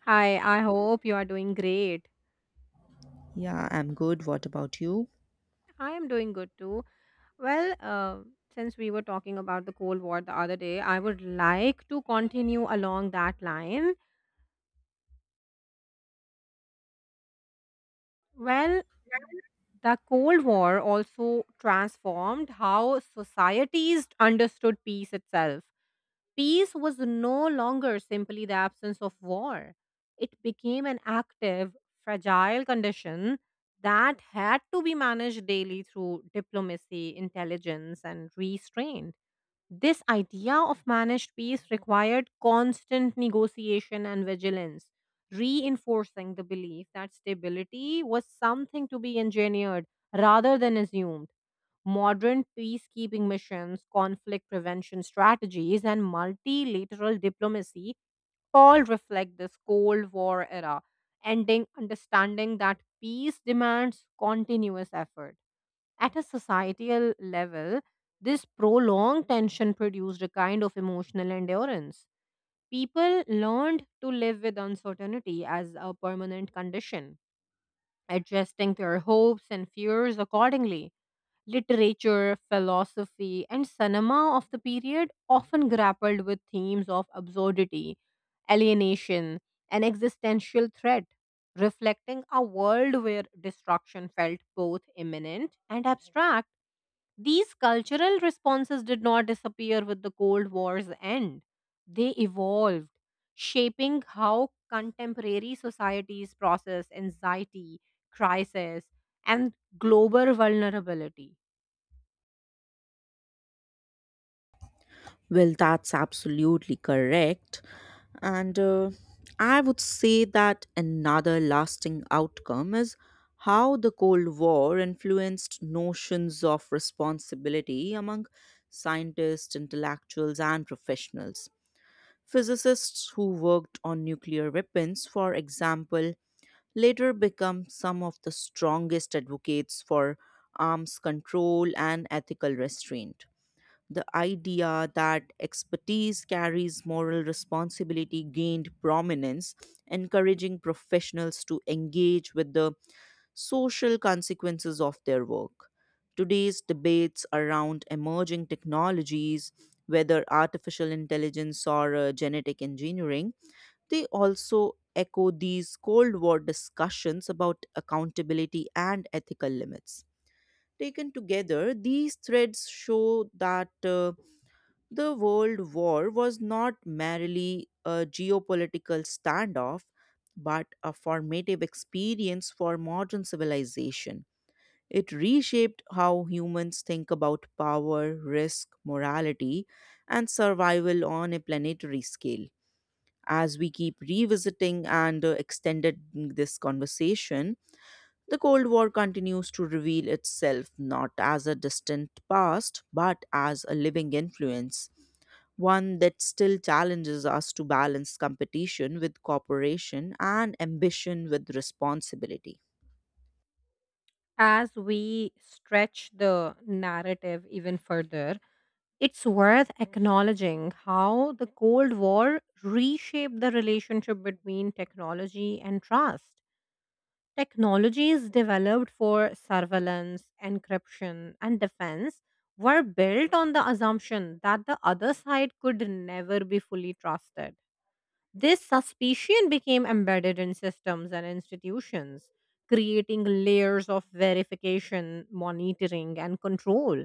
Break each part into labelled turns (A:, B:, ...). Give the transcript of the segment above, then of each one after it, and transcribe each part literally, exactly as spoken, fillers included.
A: Hi, I hope you are doing great.
B: Yeah, I'm good. What about you?
A: I am doing good too. Well, uh, since we were talking about the Cold War the other day, I would like to continue along that line. Well, the Cold War also transformed how societies understood peace itself. Peace was no longer simply the absence of war. It became an active, fragile condition that had to be managed daily through diplomacy, intelligence, and restraint. This idea of managed peace required constant negotiation and vigilance, reinforcing the belief that stability was something to be engineered rather than assumed. Modern peacekeeping missions, conflict prevention strategies, and multilateral diplomacy all reflect this Cold War era, ending understanding that peace demands continuous effort. At a societal level, this prolonged tension produced a kind of emotional endurance. People learned to live with uncertainty as a permanent condition, adjusting their hopes and fears accordingly. Literature, philosophy, and cinema of the period often grappled with themes of absurdity, alienation, and existential threat, reflecting a world where destruction felt both imminent and abstract. These cultural responses did not disappear with the Cold War's end, they evolved, shaping how contemporary societies process anxiety, crisis, and global vulnerability.
B: Well, that's absolutely correct. And uh, I would say that another lasting outcome is how the Cold War influenced notions of responsibility among scientists, intellectuals, and professionals. Physicists who worked on nuclear weapons, for example, later become some of the strongest advocates for arms control and ethical restraint. The idea that expertise carries moral responsibility gained prominence, encouraging professionals to engage with the social consequences of their work. Today's debates around emerging technologies, whether artificial intelligence or uh, genetic engineering, they also echo these Cold War discussions about accountability and ethical limits. Taken together, these threads show that. uh, the World War was not merely a geopolitical standoff, but a formative experience for modern civilization. It reshaped how humans think about power, risk, morality, and survival on a planetary scale. As we keep revisiting and uh, extending this conversation, the Cold War continues to reveal itself not as a distant past, but as a living influence, one that still challenges us to balance competition with cooperation and ambition with responsibility.
A: As we stretch the narrative even further, it's worth acknowledging how the Cold War reshaped the relationship between technology and trust. Technologies developed for surveillance, encryption, and defense were built on the assumption that the other side could never be fully trusted. This suspicion became embedded in systems and institutions, creating layers of verification, monitoring, and control.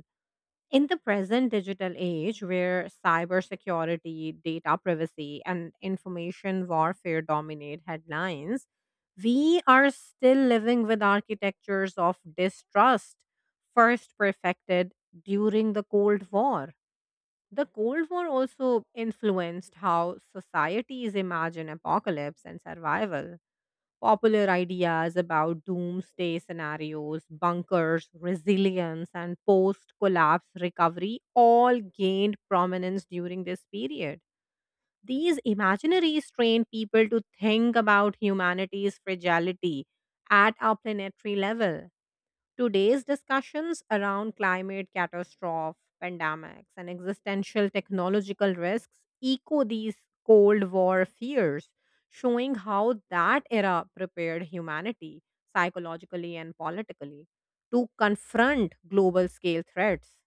A: In the present digital age, where cybersecurity, data privacy, and information warfare dominate headlines, we are still living with architectures of distrust, first perfected during the Cold War. The Cold War also influenced how societies imagine apocalypse and survival. Popular ideas about doomsday scenarios, bunkers, resilience, and post collapse recovery all gained prominence during this period. These imaginaries trained people to think about humanity's fragility at a planetary level. Today's discussions around climate catastrophe, pandemics, and existential technological risks echo these Cold War fears, showing how that era prepared humanity psychologically and politically to confront global scale threats.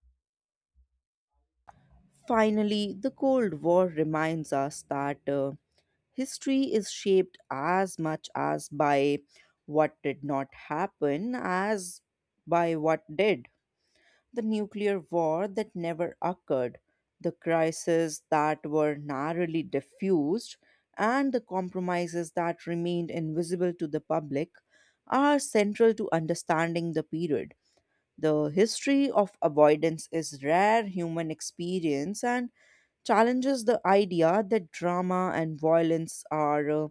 B: Finally, the Cold War reminds us that uh, history is shaped as much as by what did not happen as by what did. The nuclear war that never occurred, the crises that were narrowly diffused, and the compromises that remained invisible to the public are central to understanding the period. The history of avoidance is rare human experience and challenges the idea that drama and violence are uh,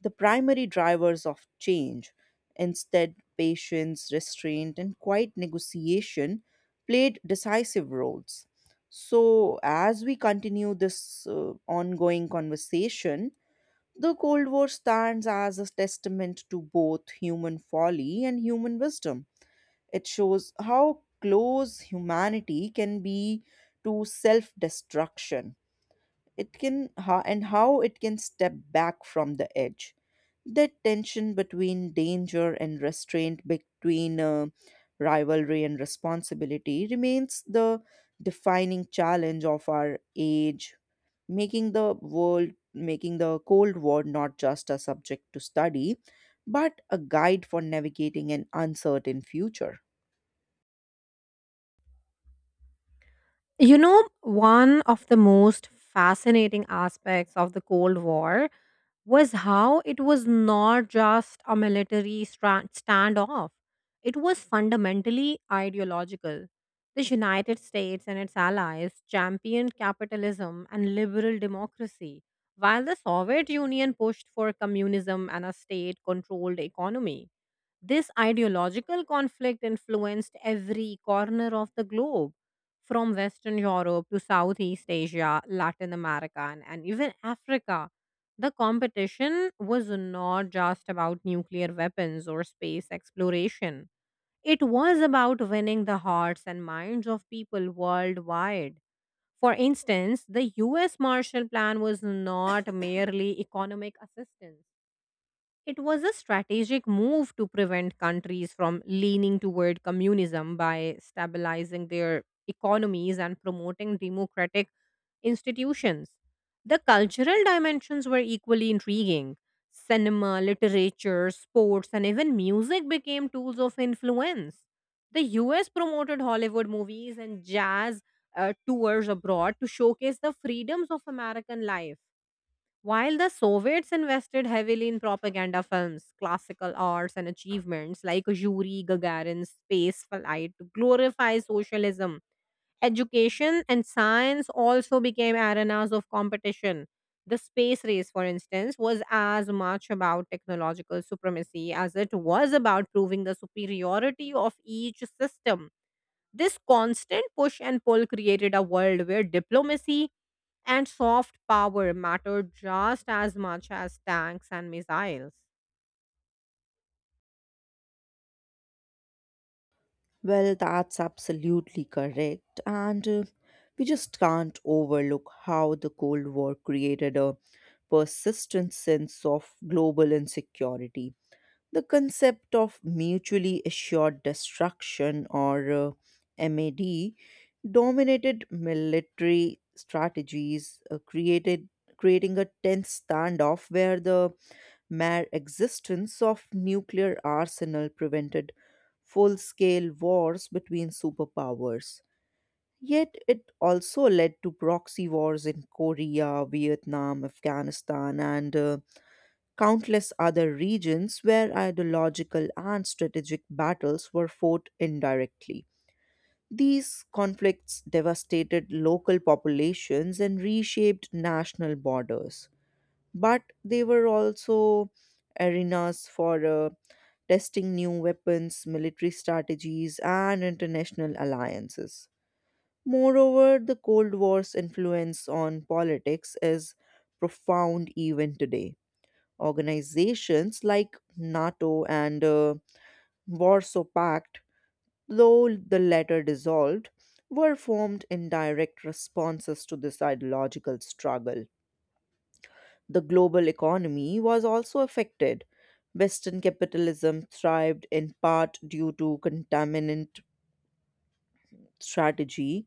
B: the primary drivers of change. Instead, patience, restraint, and quiet negotiation played decisive roles. So, as we continue this uh, ongoing conversation, the Cold War stands as a testament to both human folly and human wisdom. It shows how close humanity can be to self destruction. It can, ho- and how it can step back from the edge. That tension between danger and restraint, between uh, rivalry and responsibility, remains the defining challenge of our age, making the world, making the Cold War not just a subject to study, but a guide for navigating an uncertain future.
A: You know, one of the most fascinating aspects of the Cold War was how it was not just a military stra- standoff, it was fundamentally ideological. The United States and its allies championed capitalism and liberal democracy, while the Soviet Union pushed for communism and a state controlled economy. This ideological conflict influenced every corner of the globe, from Western Europe to Southeast Asia, Latin America, and, and even Africa. The competition was not just about nuclear weapons or space exploration. It was about winning the hearts and minds of people worldwide. For instance, the U S Marshall Plan was not merely economic assistance. It was a strategic move to prevent countries from leaning toward communism by stabilizing their economies and promoting democratic institutions. The cultural dimensions were equally intriguing. Cinema, literature, sports, and even music became tools of influence. The U S promoted Hollywood movies and jazz uh, tours abroad to showcase the freedoms of American life, while the Soviets invested heavily in propaganda films, classical arts, and achievements like Yuri Gagarin's space flight to glorify socialism. Education and science also became arenas of competition. The space race, for instance, was as much about technological supremacy as it was about proving the superiority of each system. This constant push and pull created a world where diplomacy and soft power mattered just as much as tanks and missiles.
B: Well, that's absolutely correct. And uh, We just can't overlook how the Cold War created a persistent sense of global insecurity. The concept of mutually assured destruction, or uh, MAD, dominated military strategies, uh, created creating a tense standoff where the mere existence of nuclear arsenal prevented full-scale wars between superpowers. Yet it also led to proxy wars in Korea, Vietnam, Afghanistan, and uh, countless other regions where ideological and strategic battles were fought indirectly. These conflicts devastated local populations and reshaped national borders, but they were also arenas for uh, testing new weapons, military strategies, and international alliances. Moreover, the Cold War's influence on politics is profound even today. Organizations like NATO and uh, Warsaw Pact, though the latter dissolved, were formed in direct responses to this ideological struggle. The global economy was also affected. Western capitalism thrived in part due to contaminant strategy,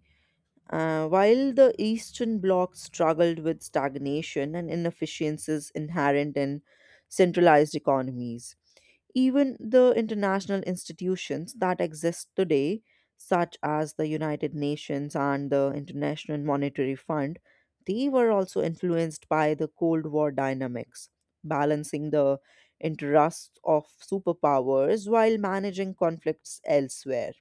B: uh, while the Eastern Bloc struggled with stagnation and inefficiencies inherent in centralized economies. Even the international institutions that exist today, such as the United Nations and the International Monetary Fund, they were also influenced by the Cold War dynamics, balancing the interests of superpowers while managing conflicts elsewhere.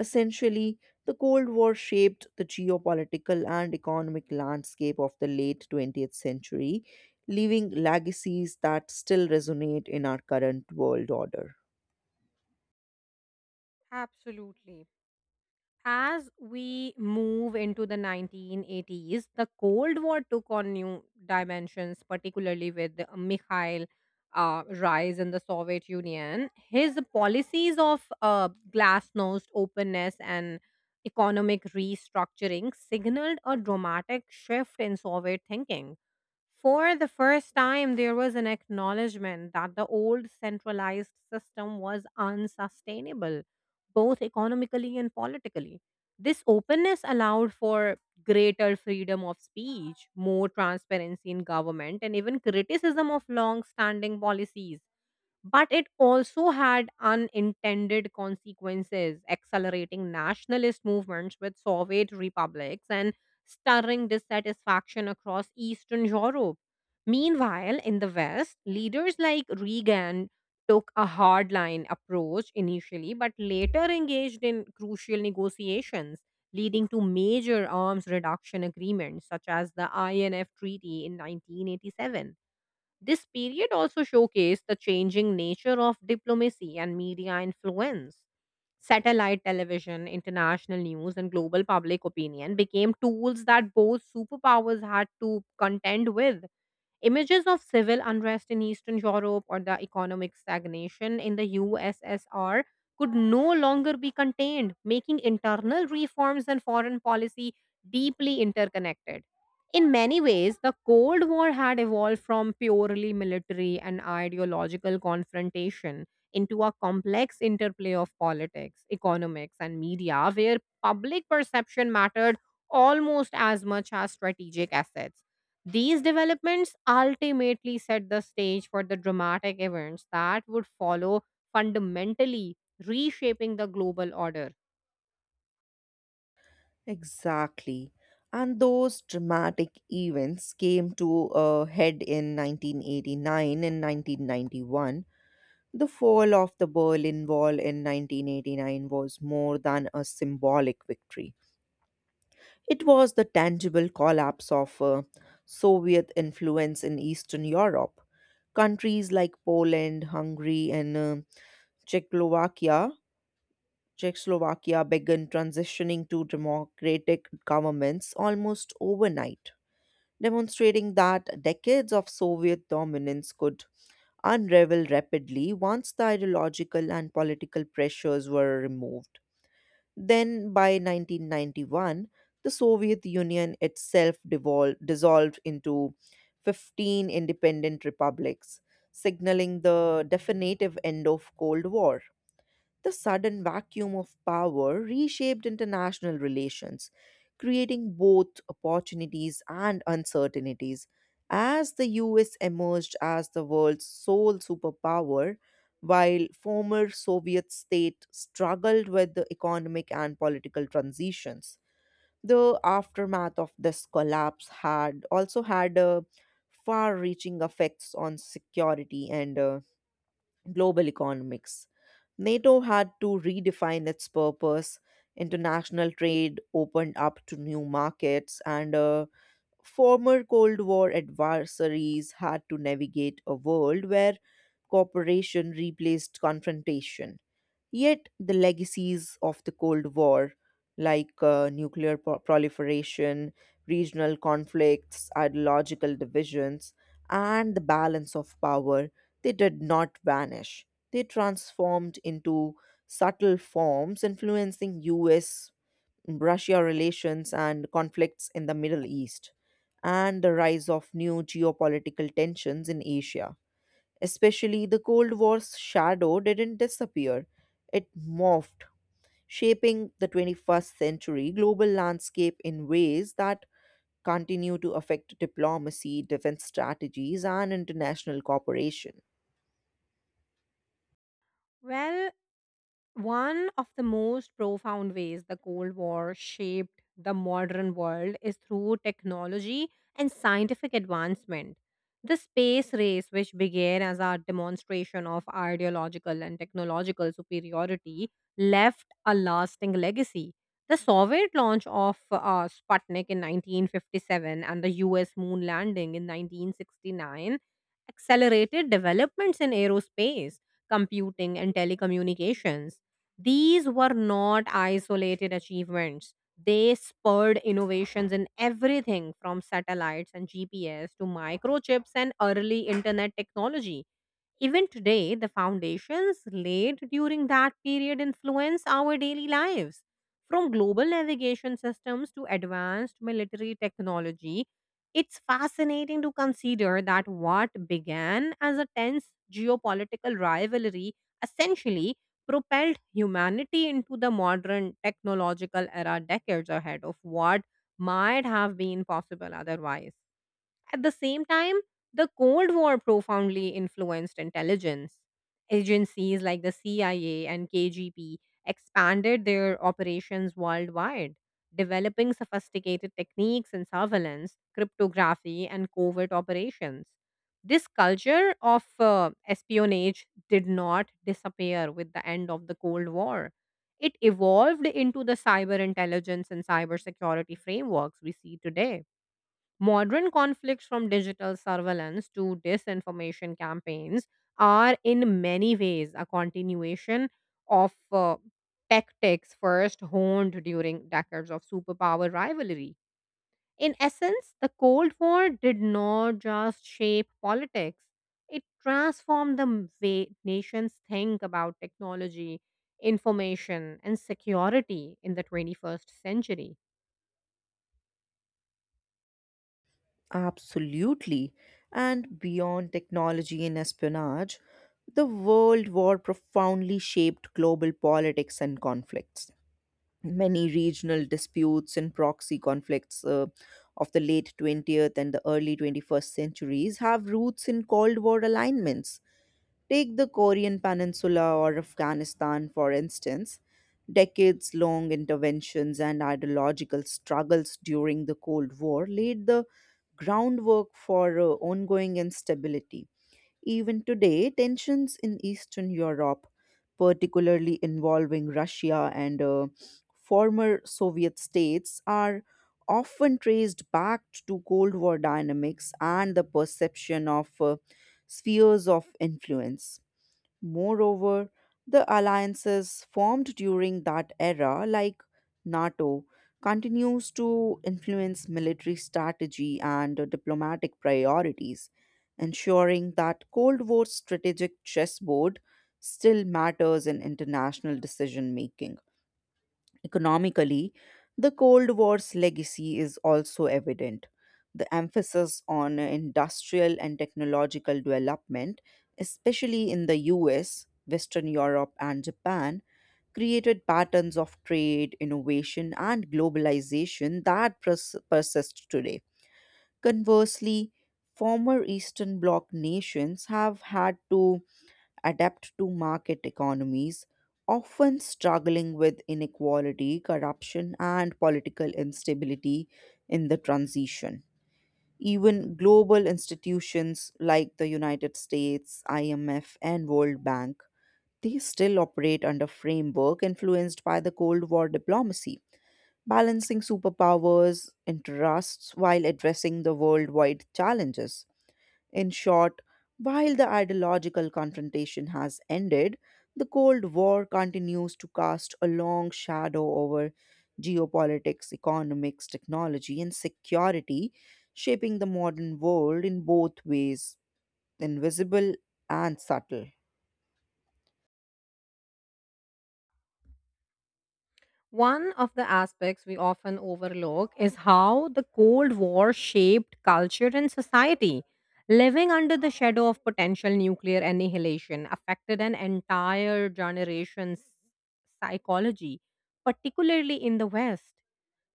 B: Essentially, the Cold War shaped the geopolitical and economic landscape of the late twentieth century, leaving legacies that still resonate in our current world order.
A: Absolutely. As we move into the nineteen eighties, the Cold War took on new dimensions, particularly with the Mikhail uh, rise in the Soviet Union. His policies of uh, glasnost, openness, and economic restructuring signaled a dramatic shift in Soviet thinking. For the first time, there was an acknowledgement that the old centralized system was unsustainable, both economically and politically. This openness allowed for greater freedom of speech, more transparency in government, and even criticism of long standing policies. But it also had unintended consequences, accelerating nationalist movements with Soviet republics and stirring dissatisfaction across Eastern Europe. Meanwhile, in the West, leaders like Reagan took a hardline approach initially, but later engaged in crucial negotiations, leading to major arms reduction agreements such as the I N F Treaty in nineteen eighty-seven. This period also showcased the changing nature of diplomacy and media influence. Satellite television, international news, and global public opinion became tools that both superpowers had to contend with. Images of civil unrest in Eastern Europe or the economic stagnation in the U S S R could no longer be contained, making internal reforms and foreign policy deeply interconnected. In many ways, the Cold War had evolved from purely military and ideological confrontation into a complex interplay of politics, economics, and media where public perception mattered almost as much as strategic assets. These developments ultimately set the stage for the dramatic events that would follow, fundamentally reshaping the global order.
B: Exactly. And those dramatic events came to a head in nineteen eighty-nine and nineteen ninety-one. The fall of the Berlin Wall in nineteen eighty-nine was more than a symbolic victory. It was the tangible collapse of uh, Soviet influence in Eastern Europe. Countries like Poland, Hungary, and uh, Czechoslovakia, Czechoslovakia began transitioning to democratic governments almost overnight, demonstrating that decades of Soviet dominance could unravel rapidly once the ideological and political pressures were removed. Then, by nineteen ninety-one, the Soviet Union itself devol- dissolved into fifteen independent republics, signaling the definitive end of Cold War. The sudden vacuum of power reshaped international relations, creating both opportunities and uncertainties, as the U S emerged as the world's sole superpower, while former Soviet state struggled with the economic and political transitions. The aftermath of this collapse had also had a far-reaching effects on security and uh, global economics. NATO had to redefine its purpose. International trade opened up to new markets, and uh, former Cold War adversaries had to navigate a world where cooperation replaced confrontation. Yet, the legacies of the Cold War, like uh, nuclear pro- proliferation, regional conflicts, ideological divisions, and the balance of power, they did not vanish. They transformed into subtle forms influencing U S Russia relations and conflicts in the Middle East, and the rise of new geopolitical tensions in Asia. Especially the Cold War's shadow didn't disappear, it morphed, shaping the twenty-first century global landscape in ways that continue to affect diplomacy, defense strategies, and international cooperation.
A: Well, One of the most profound ways the Cold War shaped the modern world is through technology and scientific advancement. The space race, which began as a demonstration of ideological and technological superiority, left a lasting legacy. The Soviet launch of uh, Sputnik in nineteen fifty-seven and the U S moon landing in nineteen sixty-nine accelerated developments in aerospace, computing, and telecommunications. These were not isolated achievements. They spurred innovations in everything from satellites and G P S to microchips and early internet technology. Even today, the foundations laid during that period influence our daily lives. From global navigation systems to advanced military technology, it's fascinating to consider that what began as a tense geopolitical rivalry essentially propelled humanity into the modern technological era decades ahead of what might have been possible otherwise. At the same time, the Cold War profoundly influenced intelligence. Agencies like the C I A and K G B expanded their operations worldwide, developing sophisticated techniques in surveillance, cryptography, and covert operations. This culture of uh, espionage did not disappear with the end of the Cold War. It evolved into the cyber intelligence and cybersecurity frameworks we see today. Modern conflicts from digital surveillance to disinformation campaigns are in many ways a continuation of uh, tactics first honed during decades of superpower rivalry. In essence, the Cold War did not just shape politics, it transformed the way nations think about technology, information, and security in the twenty-first century.
B: Absolutely. And beyond technology and espionage, the World War profoundly shaped global politics and conflicts. Many regional disputes and proxy conflicts uh, of the late twentieth and the early twenty-first centuries have roots in Cold War alignments. Take the Korean Peninsula or Afghanistan, for instance. Decades long interventions and ideological struggles during the Cold War laid the groundwork for uh, ongoing instability. Even today, tensions in Eastern Europe, particularly involving Russia and uh, former Soviet states, are often traced back to Cold War dynamics and the perception of uh, spheres of influence. Moreover, the alliances formed during that era, like NATO, continues to influence military strategy and uh, diplomatic priorities, ensuring that Cold War strategic chessboard still matters in international decision making. Economically, the Cold War's legacy is also evident. The emphasis on industrial and technological development, especially in the U S, Western Europe, and Japan, created patterns of trade, innovation, and globalization that pers- persist today. Conversely, former Eastern Bloc nations have had to adapt to market economies, often struggling with inequality, corruption, and political instability in the transition. Even global institutions like the United States, I M F, and World Bank, they still operate under framework influenced by the Cold War diplomacy, balancing superpowers' interests while addressing the worldwide challenges. In short, while the ideological confrontation has ended, the Cold War continues to cast a long shadow over geopolitics, economics, technology, and security, shaping the modern world in both ways, invisible and subtle.
A: One of the aspects we often overlook is how the Cold War shaped culture and society. Living under the shadow of potential nuclear annihilation affected an entire generation's psychology, particularly in the West.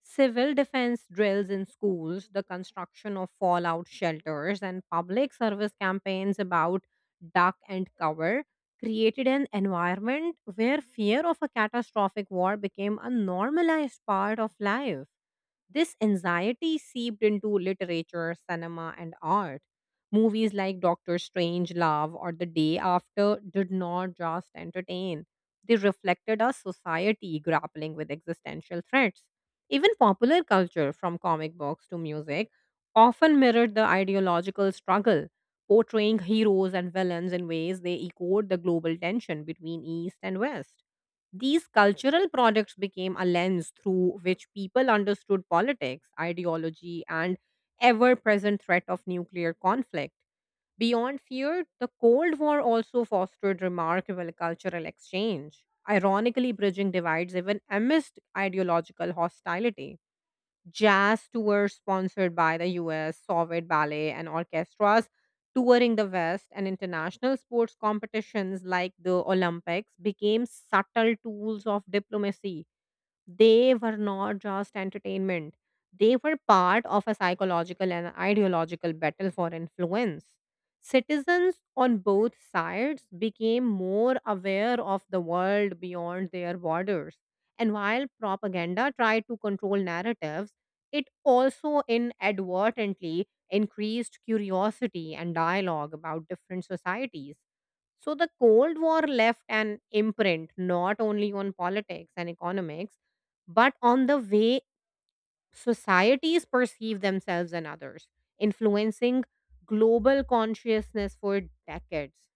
A: Civil defense drills in schools, the construction of fallout shelters, and public service campaigns about duck and cover created an environment where fear of a catastrophic war became a normalized part of life. This anxiety seeped into literature, cinema, and art. Movies like Doctor Strange Love or The Day After did not just entertain, they reflected a society grappling with existential threats. Even popular culture, from comic books to music, often mirrored the ideological struggle, portraying heroes and villains in ways they echoed the global tension between East and West. These cultural products became a lens through which people understood politics, ideology, and ever present threat of nuclear conflict. Beyond fear, the Cold War also fostered remarkable cultural exchange, ironically, bridging divides even amidst ideological hostility. Jazz tours sponsored by the U S, Soviet ballet and orchestras touring the West, and international sports competitions like the Olympics became subtle tools of diplomacy. They were not just entertainment. They were part of a psychological and ideological battle for influence. Citizens on both sides became more aware of the world beyond their borders. And while propaganda tried to control narratives, it also inadvertently increased curiosity and dialogue about different societies. So the Cold War left an imprint not only on politics and economics but on the way societies perceive themselves and others, influencing global consciousness for decades.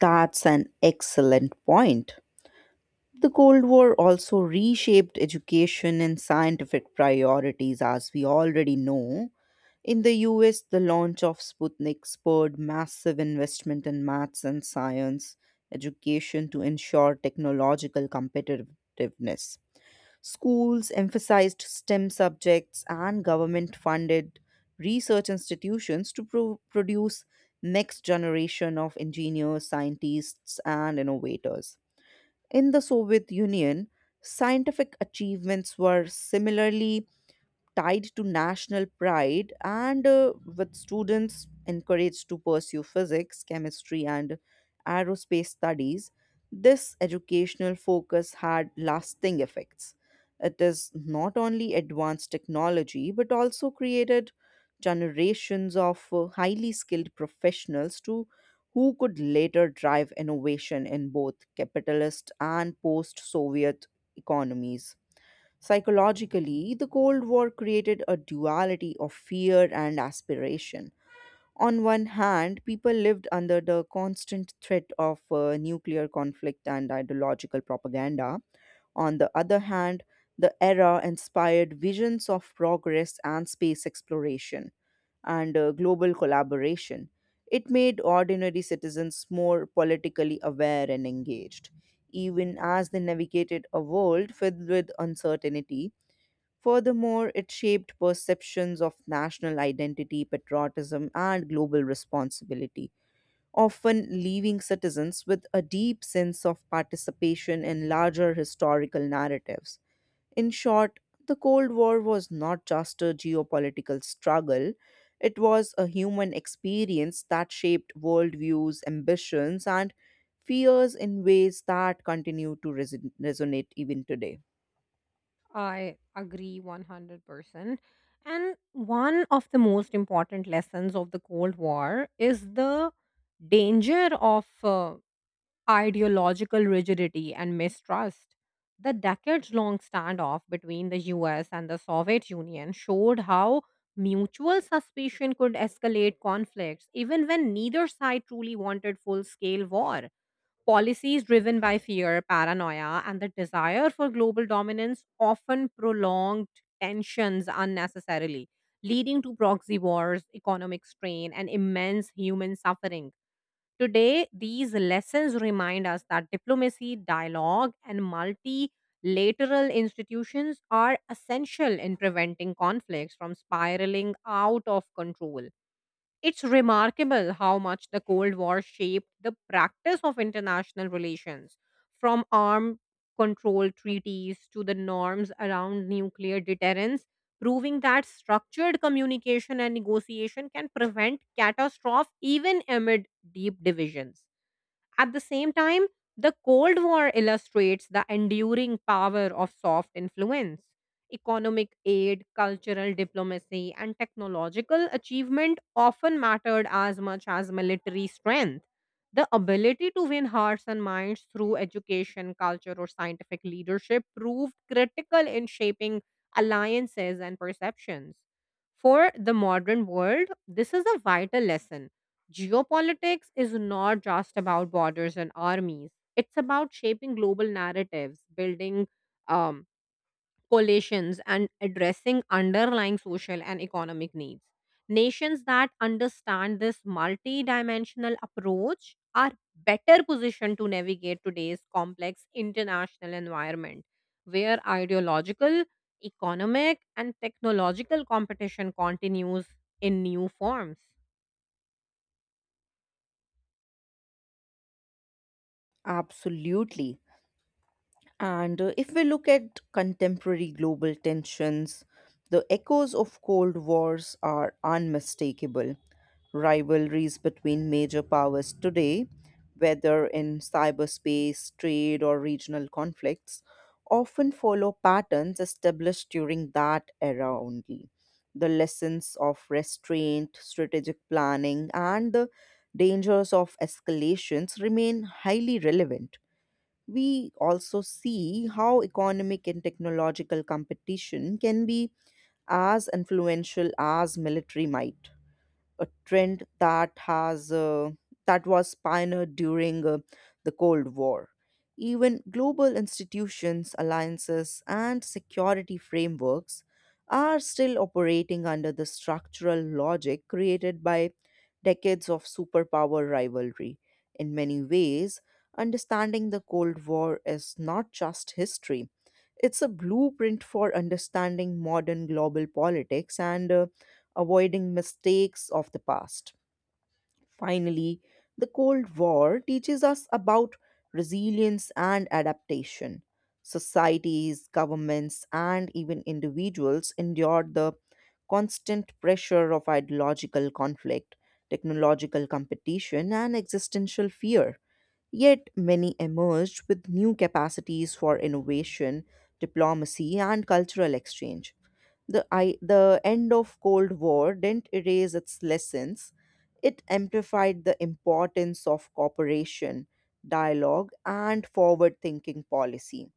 B: That's an excellent point. The Cold War also reshaped education and scientific priorities, as we already know. In the U S, the launch of Sputnik spurred massive investment in maths and science education to ensure technological competitiveness. Schools emphasized STEM subjects and government funded research institutions to pro- produce next generation of engineers, scientists and innovators. In the Soviet Union, scientific achievements were similarly tied to national pride and uh, with students encouraged to pursue physics, chemistry, and aerospace studies, this educational focus had lasting effects. It is not only advanced technology but also created generations of uh, highly skilled professionals to who could later drive innovation in both capitalist and post-Soviet economies. Psychologically, the Cold War created a duality of fear and aspiration. On one hand, people lived under the constant threat of uh, nuclear conflict and ideological propaganda. On the other hand, the era inspired visions of progress and space exploration and uh, global collaboration. It made ordinary citizens more politically aware and engaged, even as they navigated a world filled with uncertainty. Furthermore, it shaped perceptions of national identity, patriotism, and global responsibility, often leaving citizens with a deep sense of participation in larger historical narratives. In short, the Cold War was not just a geopolitical struggle, it was a human experience that shaped worldviews, ambitions, and fears in ways that continue to reson- resonate even today.
A: I agree one hundred percent. And one of the most important lessons of the Cold War is the danger of uh, ideological rigidity and mistrust. The decades long standoff between the U S and the Soviet Union showed how mutual suspicion could escalate conflicts even when neither side truly wanted full scale war. Policies driven by fear, paranoia, and the desire for global dominance often prolonged tensions unnecessarily, leading to proxy wars, economic strain, and immense human suffering. Today, these lessons remind us that diplomacy, dialogue, and multilateral institutions are essential in preventing conflicts from spiraling out of control. It's remarkable how much the Cold War shaped the practice of international relations, from armed control treaties to the norms around nuclear deterrence, proving that structured communication and negotiation can prevent catastrophe even amid deep divisions. At the same time, the Cold War illustrates the enduring power of soft influence. Economic aid, cultural diplomacy, and technological achievement often mattered as much as military strength. The ability to win hearts and minds through education, culture, or scientific leadership proved critical in shaping alliances and perceptions. For the modern world, this is a vital lesson. Geopolitics is not just about borders and armies. It's about shaping global narratives, building um, coalitions, and addressing underlying social and economic needs. Nations that understand this multidimensional approach are better positioned to navigate today's complex international environment, where ideological, economic, and technological competition continues in new forms.
B: Absolutely. And uh, If we look at contemporary global tensions, the echoes of Cold Wars are unmistakable. Rivalries between major powers today, whether in cyberspace, trade, or regional conflicts, often follow patterns established during that era only. The lessons of restraint, strategic planning, and the dangers of escalations remain highly relevant. We also see how economic and technological competition can be as influential as military might, a trend that has uh, that was pioneered during uh, the Cold War. Even global institutions, alliances, and security frameworks are still operating under the structural logic created by decades of superpower rivalry. In many ways, understanding the Cold War is not just history, it's a blueprint for understanding modern global politics and uh, avoiding mistakes of the past. Finally, the Cold War teaches us about resilience and adaptation. Societies, governments, and even individuals endured the constant pressure of ideological conflict, technological competition, and existential fear. Yet, many emerged with new capacities for innovation, diplomacy, and cultural exchange. The, I, the end of Cold War didn't erase its lessons. It amplified the importance of cooperation, dialogue, and forward thinking policy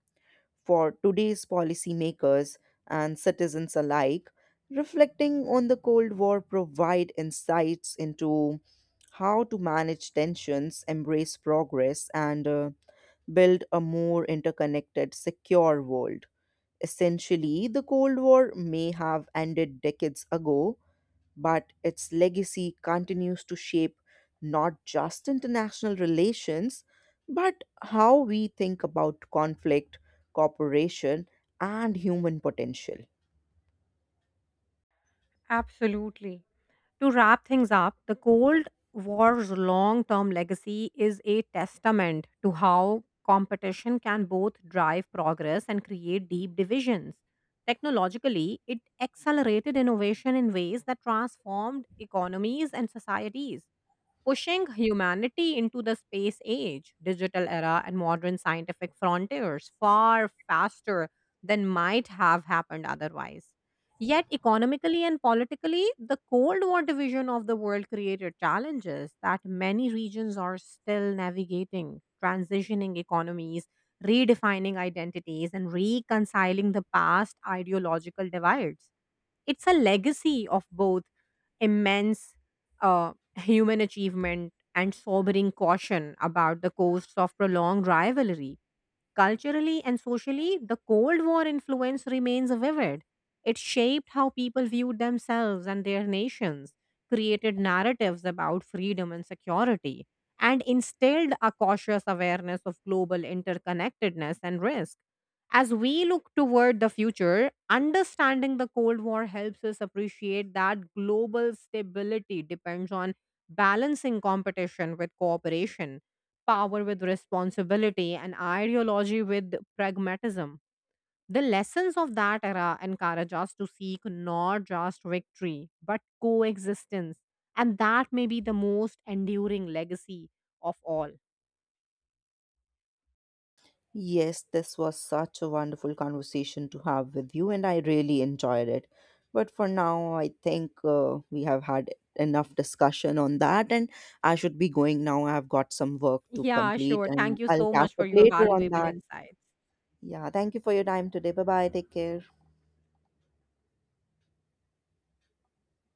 B: for today's policymakers and citizens alike. Reflecting on the Cold War provide insights into how to manage tensions, embrace progress, and uh, build a more interconnected, secure world. Essentially, the Cold War may have ended decades ago, but its legacy continues to shape not just international relations, but how we think about conflict, cooperation, and human potential.
A: Absolutely. To wrap things up, the Cold War's long term legacy is a testament to how competition can both drive progress and create deep divisions. Technologically, it accelerated innovation in ways that transformed economies and societies pushing humanity into the space age, digital era, and modern scientific frontiers far faster than might have happened otherwise. Yet, economically and politically, the Cold War division of the world created challenges that many regions are still navigating, transitioning economies, redefining identities, and reconciling the past ideological divides. It's a legacy of both immense uh, human achievement and sobering caution about the costs of prolonged rivalry. Culturally and socially, the Cold War influence remains vivid. It shaped how people viewed themselves and their nations, created narratives about freedom and security, and instilled a cautious awareness of global interconnectedness and risk. As we look toward the future, understanding the Cold War helps us appreciate that global stability depends on balancing competition with cooperation, power with responsibility, and ideology with pragmatism. The lessons of that era encourage us to seek not just victory, but coexistence. And that may be the most enduring legacy of all.
B: Yes, this was such a wonderful conversation to have with you, and I really enjoyed it. But for now, I think uh, we have had enough discussion on that, and I should be going now. I have got some work to
A: Yeah,
B: complete,
A: sure. Thank
B: and
A: you
B: I'll
A: so
B: catch
A: much for
B: up
A: your
B: later on
A: valuable
B: that.
A: insights.
B: Yeah, thank you for your time today. Bye bye. Take care.